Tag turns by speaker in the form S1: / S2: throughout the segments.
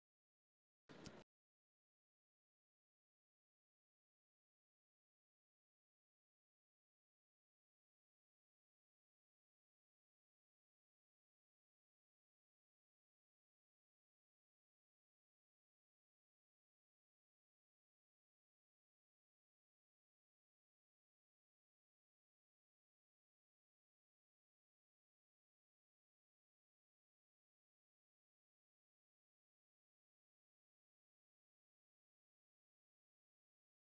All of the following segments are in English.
S1: Hello, everyone. Welcome back to Mind Matters, the podcast where we talk about real life challenges and how to grow stronger every day. I'm your host and Jim Lee, and today's episode is something that affected all of us, especially students and young people: how to avoid bad influences. We are influenced every day by friends, by social media, by trends, and the people around us.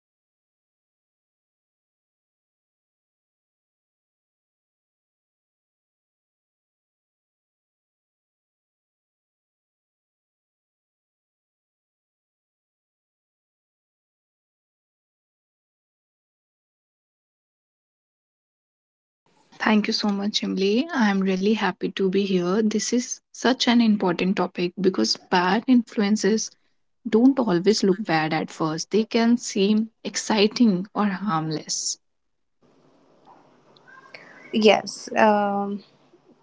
S1: Some influences have help us grow, but others can quietly push us to the wrong directions. To talk about the important topic, I am joined by our special guest and one of my friend, Pallavi. So, welcome, Pallavi.
S2: Thank you so much, Emily. I'm really happy to be here. This is such an important topic because bad influences don't always look bad at first, they can seem exciting or harmless.
S1: Yes,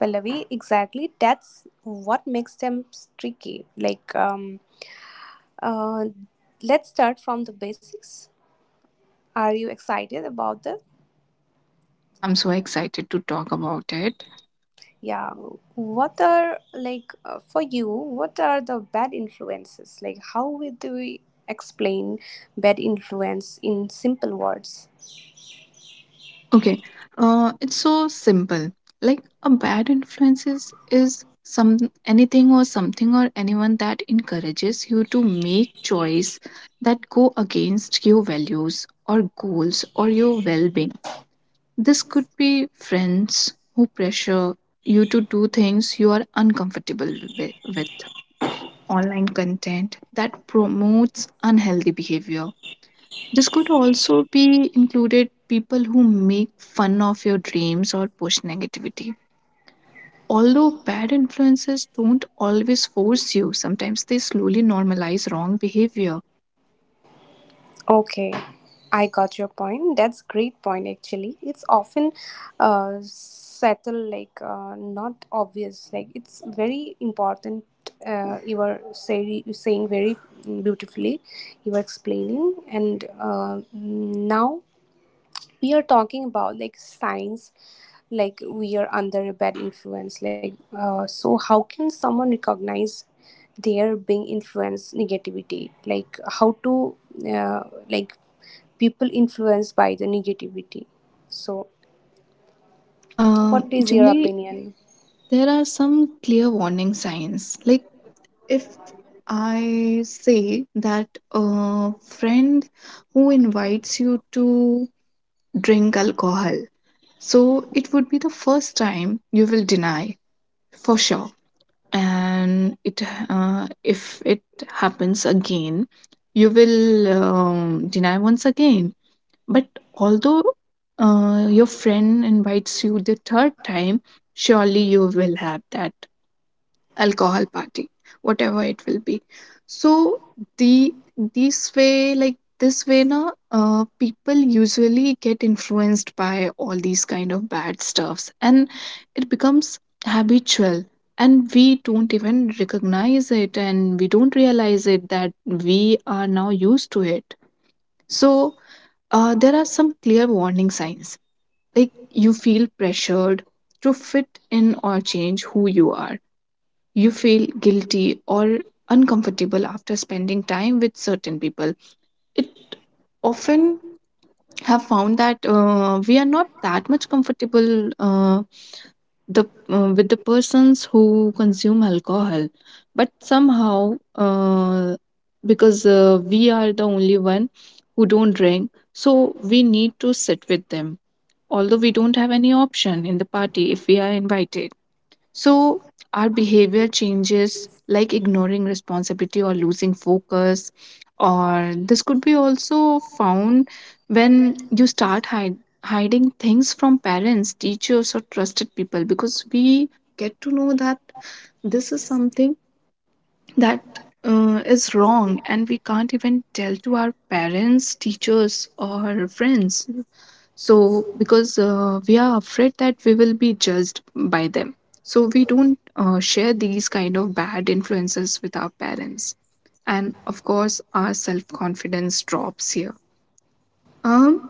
S1: Pallavi, exactly. That's what makes them tricky. Uh, let's start from the basics. Are you excited about this?
S2: Yeah, I'm so excited to talk about it.
S1: Yeah. What are for you? What are the bad influences? Like, do we explain bad influence in simple words?
S2: Okay, it's so simple. Like a bad influences is some anything or something or anyone that encourages you to make choice that go against your values or goals or your well-being. This could be friends who pressure you to do things you are uncomfortable with, online content that promotes unhealthy behavior. This could also be included people who make fun of your dreams or push negativity. Although bad influences don't always force you, sometimes they slowly normalize wrong behavior.
S1: Okay, I got your point. That's great point actually. It's often subtle, not obvious. Like it's very important. Saying very beautifully. You were explaining, and now we are talking about like signs like we are under a bad influence so how can someone recognize they are being influenced negativity like how to uh, like people influenced by the negativity, so what is your
S2: Generally,
S1: opinion?
S2: there are some clear warning signs like, if I say that a friend who invites you to drink alcohol, so it would be the first time you will deny for sure. And it, if it happens again, you will deny once again. But although your friend invites you the third time, surely you will have that alcohol party, whatever it will be. So the this way, like this way, now people usually get influenced by all these kind of bad stuffs, and it becomes habitual, and we don't even recognize it, and we don't realize it that we are now used to it. So there are some clear warning signs like you feel pressured to fit in or change who you are, you feel guilty or uncomfortable after spending time with certain people. It often have found that we are not that much comfortable, the with the persons who consume alcohol, but somehow, because we are the only one who don't drink, so we need to sit with them, although we don't have any option in the party if we are invited. So our behavior changes, like ignoring responsibility or losing focus, or this could be also found when you start hiding things from parents, teachers, or trusted people, because we get to know that this is something that is wrong, and we can't even tell to our parents, teachers, or friends. So because we are afraid that we will be judged by them, so we don't share these kind of bad influences with our parents. And of course our self confidence drops here. um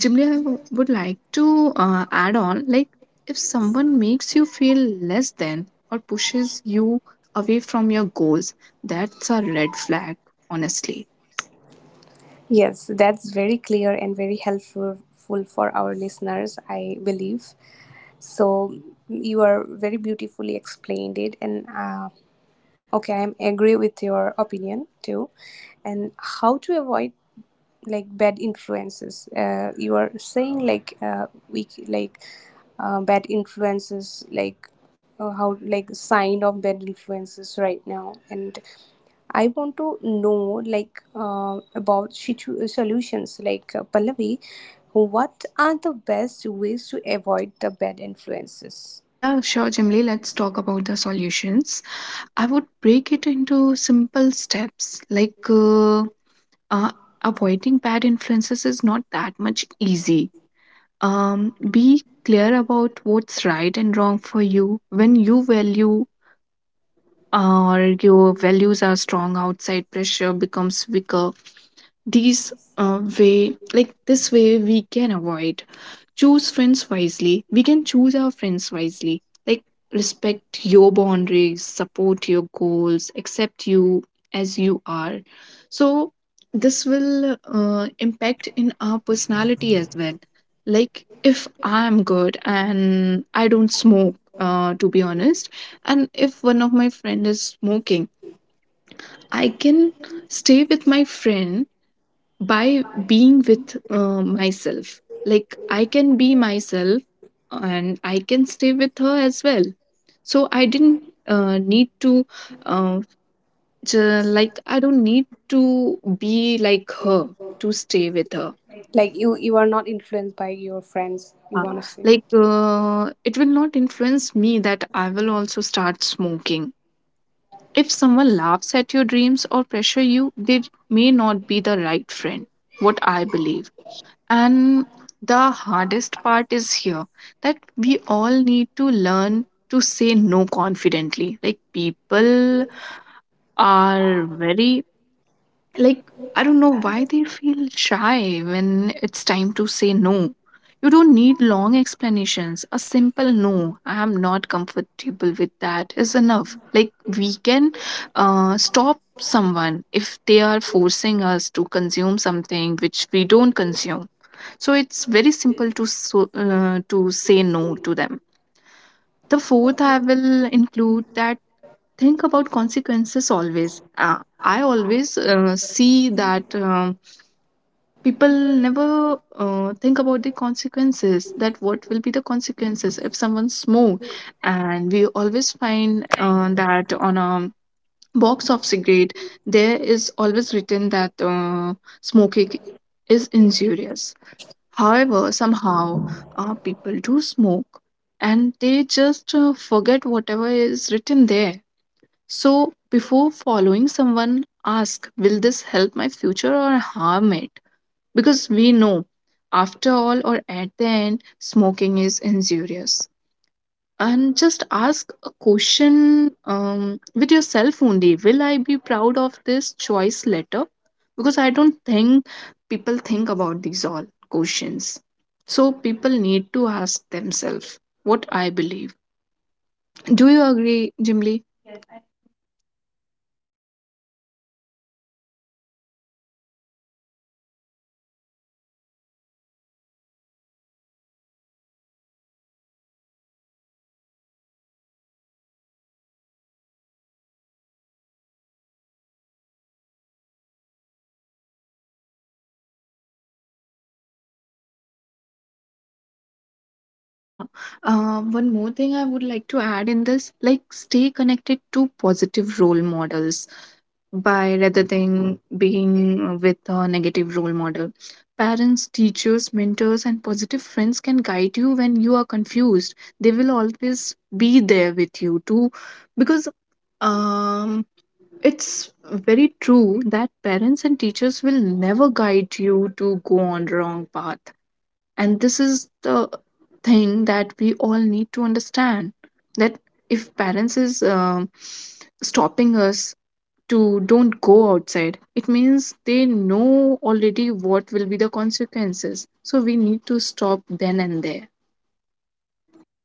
S2: Jimli, I would like to add on, like, if someone makes you feel less than or pushes you away from your goals, that's a red flag, honestly.
S1: Yes, that's very clear and very helpful full for our listeners, I believe. So you are very beautifully explained it, and okay, I agree with your opinion too. And how to avoid like bad influences? You are saying like bad influences, like how like sign of bad influences right now. And I want to know about solutions. Pallavi, what are the best ways to avoid the bad influences?
S2: Yeah, sure, Jimli. Let's talk about the solutions. I would break it into simple steps like. Uh, Avoiding bad influences is not that much easy. Be clear about what's right and wrong for you. When you value or your values are strong, outside pressure becomes weaker. These way, like this way, we can avoid. Choose friends wisely. We can choose our friends wisely. Like respect your boundaries, support your goals, accept you as you are. So this will impact in our personality as well. Like if I am good and I don't smoke, to be honest, and if one of my friend is smoking, I can stay with my friend by being with myself. Like I can be myself and I can stay with her as well. So I didn't need to, uh, like, I don't need to be like her to stay with her.
S1: Like you are not influenced by your friends. You
S2: Yeah,
S1: want to say?
S2: like it will not influence me that I will also start smoking. If someone laughs at your dreams or pressure you, they may not be the right friend, what I believe. And the hardest part is here that we all need to learn to say no confidently. Like, people are very, like, I don't know why they feel shy when it's time to say no. You don't need long explanations. A simple no, I am not comfortable with that, is enough. Like, we can stop someone if they are forcing us to consume something which we don't consume. So it's very simple to so, to say no to them. The fourth I will include that think about consequences always. I always see that people never think about the consequences, that what will be the consequences if someone smoke. And we always find that on a box of cigarette there is always written that smoking is injurious. However, somehow people do smoke, and they just forget whatever is written there. So, before following someone, ask, will this help my future or harm it? Because we know, after all, or at the end, smoking is injurious. And just ask a question, with yourself only, will I be proud of this choice later? Because I don't think people think about these all questions. So people need to ask themselves, what I believe. Do you agree, Jimly?
S1: Yes, I agree with you, Aaron. You were beautifully explained it, and I'm listening carefully. And you are like, what points you are saying? I just uh, wanted to say with to our listeners that this points is very important to choose your friends uh, wisely. Like you have to respect your boundaries.
S2: Yeah, one more thing I would like to add in this, like stay connected to positive role models by rather than being with a negative role model. Parents, teachers, mentors, and positive friends can guide you when you are confused. They will always be there with you too, because um, it's very true that parents and teachers will never guide you to go on wrong path. And this is the thing that we all need to understand that if parents is stopping us to don't go outside, it means they know already what will be the consequences, so we need to stop then and there.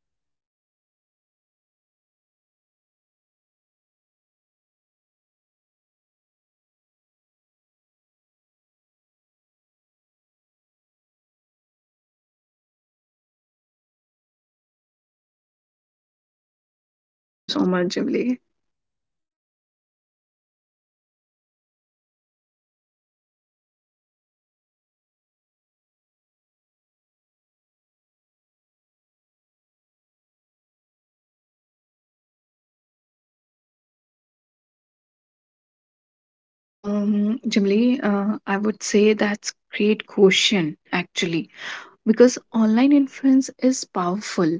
S1: Exactly, Pallavi. I agree with you. Ultimately, the thing is, stay with that person who just accept you as you are, for uh, everything. So if you, no one can force you for anything. I appreciate your opinion,
S2: Thank
S1: actually.
S2: you so much, Jimli.
S1: Social media, what about the social media influence, like online influence? Like social media plays a big role today. So, how can we avoid bad influence, like online influences, like—
S2: Jimli, I would say that's great question actually, because online influence is powerful.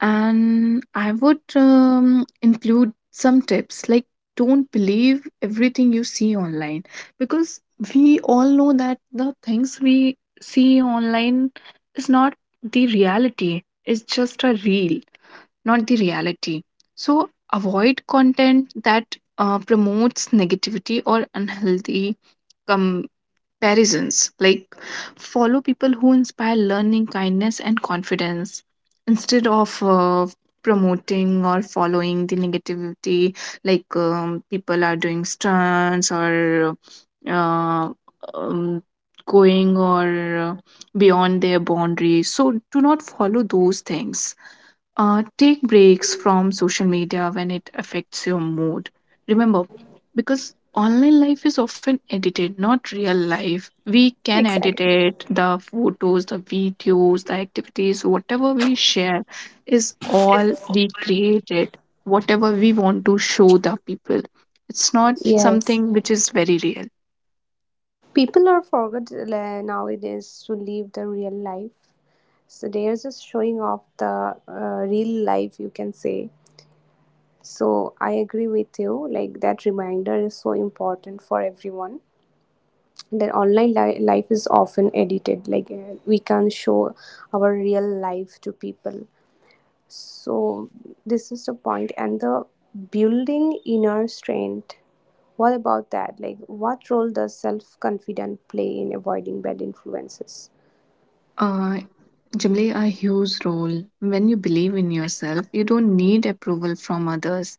S2: And I would include some tips like, don't believe everything you see online, because we all know that the things we see online is not the reality, it's just a reel, not the reality. So avoid content that promotes negativity or unhealthy comparisons. Like follow people who inspire learning, kindness, and confidence, instead of promoting or following the negativity, like people are doing stunts or uh, um, going or beyond their boundaries. So do not follow those things. Take breaks from social media when it affects your mood. Remember, because online life is often edited, not real life. We can edit
S1: Exactly.
S2: it, the photos, the videos, the activities, whatever we share is all we created, whatever we want to show the people. It's not
S1: Yes.
S2: something which is very real.
S1: People are forgot nowadays to live the real life. So they're just showing off the real life, you can say. So I agree with you. Like that reminder is so important for everyone. That life is often edited. We can't show our real life to people. So this is the point. And the building inner strength, what about that? Like what role does self confidence play in avoiding bad influences?
S2: uh, Generally a huge role. When you believe in yourself, you don't need approval from others,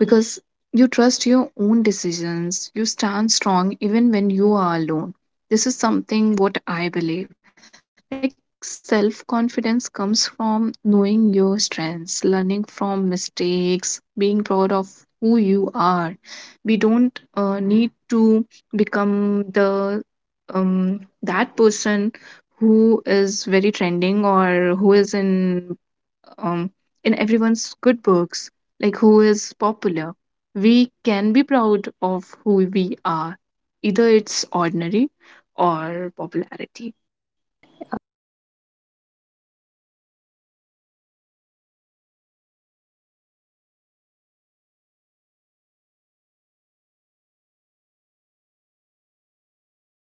S2: because you trust your own decisions, you stand strong even when you are alone. This is something what I believe. Like self confidence comes from knowing your strengths, learning from mistakes, being proud of who you are. We don't need to become the that person who is very trending or who is um, in everyone's good books, like who is popular. We can be proud of who we are, either it's ordinary or popularity.
S1: Yeah, exactly. If you are doing anything wrong and if you are doing anything good for everything, you are the responsible for everything because you are adult. You have the sense.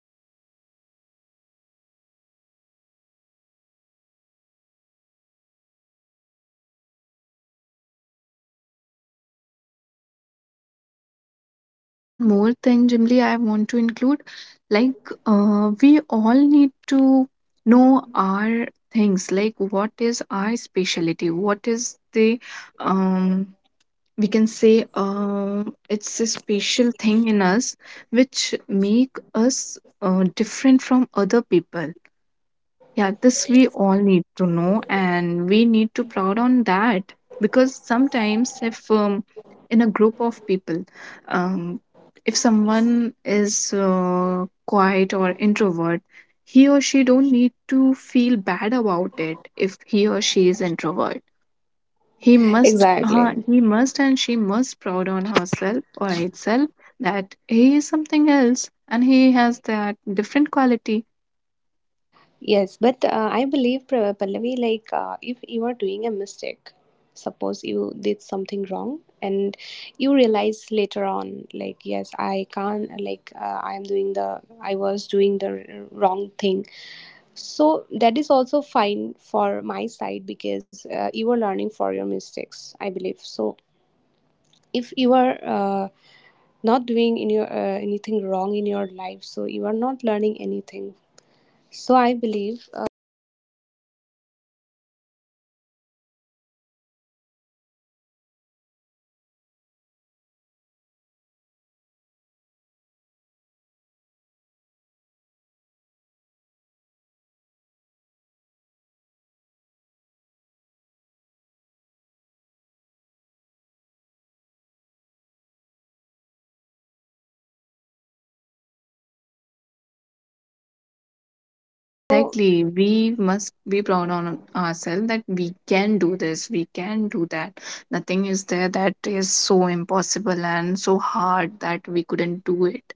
S1: You know what you are doing. So for my side, I believe that everything is. If everything is possible or everything is approved by yourself only.
S2: Yeah, one more thing, Jimly, I want to include, like, we all need to know our things, like what is our specialty, what is the um we can say, it's a special thing in us which make us different from other people. Yeah, this we all need to know, and we need to proud on that, because sometimes if in a group of people, um, if someone is quiet or introvert, he or she don't need to feel bad about it. If he or she is introvert, he must, uh,
S1: Exactly.
S2: he must, and she must proud on herself or itself, that he is something else and he has that different quality.
S1: Yes, but I believe Pallavi, if you are doing a mistake, suppose you did something wrong and you realize later on, like yes, I can't, I am doing the, I was doing the wrong thing. So that is also fine for my side because you are learning for your mistakes, I believe. So if you are not doing in your anything wrong in your life, so you are not learning anything. So I believe we have to self confidence is important, and the learning from mistake is very important for the youngsters especially, and being proud of like who you are. Actually, if you are doing mistakes, if you are doing great, if you are doing nothing, if you just confident yes, I can do this, I can do that.
S2: Yeah,
S1: So
S2: exactly. We must be proud on ourselves that we can do this, we can do that. Nothing is there that is so impossible and so hard that we couldn't do it.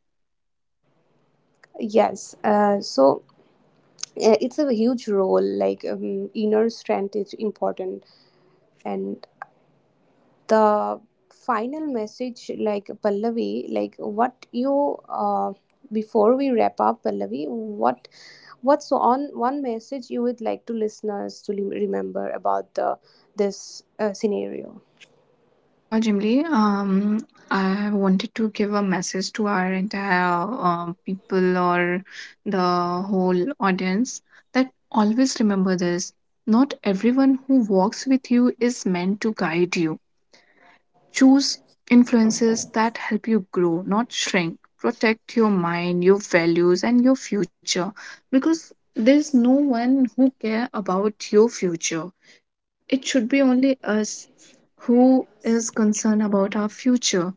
S1: yes, so it's a huge role, inner strength is important. And the final message, like Pallavi, like what you— before we wrap up, Pallavi, what— what's on one message you would like to listeners to remember about the this scenario?
S2: Sure, Jimly. I wanted to give a message to our entire people or the whole audience, that always remember this. Not everyone who walks with you is meant to guide you. Choose influences that help you grow, not shrink. Protect your mind, your values, and your future, because there's no one who care about your future, it should be only us who is concerned about our future.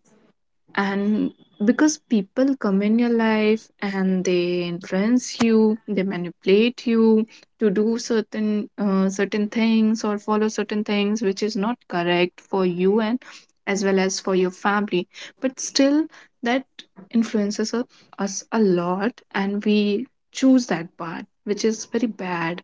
S2: And because people come in your life and they influence you, they manipulate you to do certain certain things or follow certain things which is not correct for you and as well as for your family. But still, that influences us a lot, and we choose that part, which is very bad.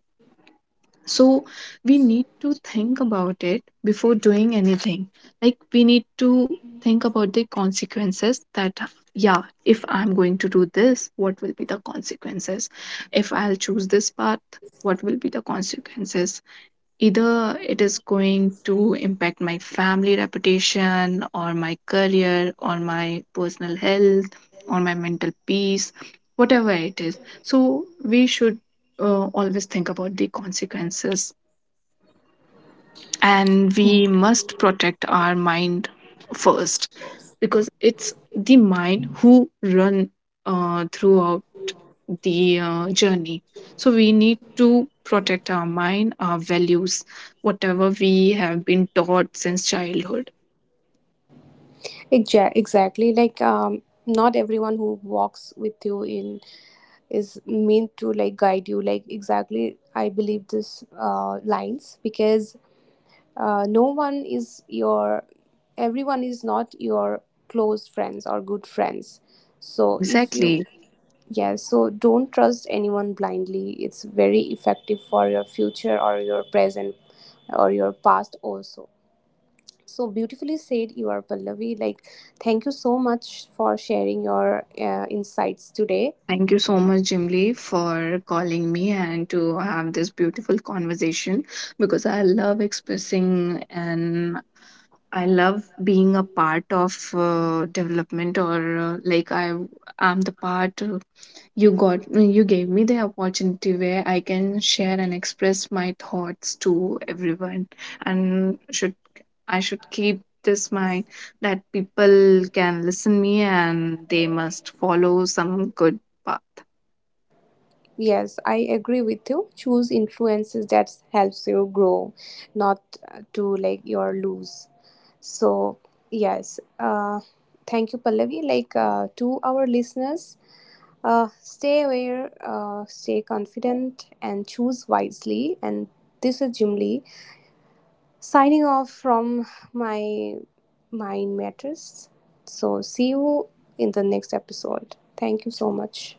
S2: So we need to think about it before doing anything. Like we need to think about the consequences, that yeah if I'm going to do this, what will be the consequences? If I'll choose this path, what will be the consequences? Either it is going to impact my family reputation, or my career, or my personal health, or my mental peace, whatever it is. So we should always think about the consequences, and we must protect our mind first, because it's the mind who run throughout the journey. So we need to protect our mind, our values, whatever we have been taught since childhood.
S1: Exactly, not everyone who walks with you in is meant to like guide you. Like, exactly, I believe this lines because no one is your— everyone is not your close friends or good friends.
S2: Yeah,
S1: So if you—
S2: exactly.
S1: yeah, so don't trust anyone blindly. It's very effective for your future or your present or your past also. So beautifully said you are, Pallavi. Like, thank you so much for sharing your insights today.
S2: Thank you so much, Jim Lee, for calling me and to have this beautiful conversation, because I love expressing, and I love being a part of development or like I am the part, you got you gave me the opportunity where I can share and express my thoughts to everyone. And should I should keep this mind that people can listen me and they must follow some good path.
S1: Yes, I agree with you. Choose influences that helps you grow, not to like your lose. So yes, thank you, Pallavi. Like to our listeners, stay aware, stay confident, and choose wisely. And this is Jim Lee signing off from my Mind Matters. So see you in the next episode. Thank you so much.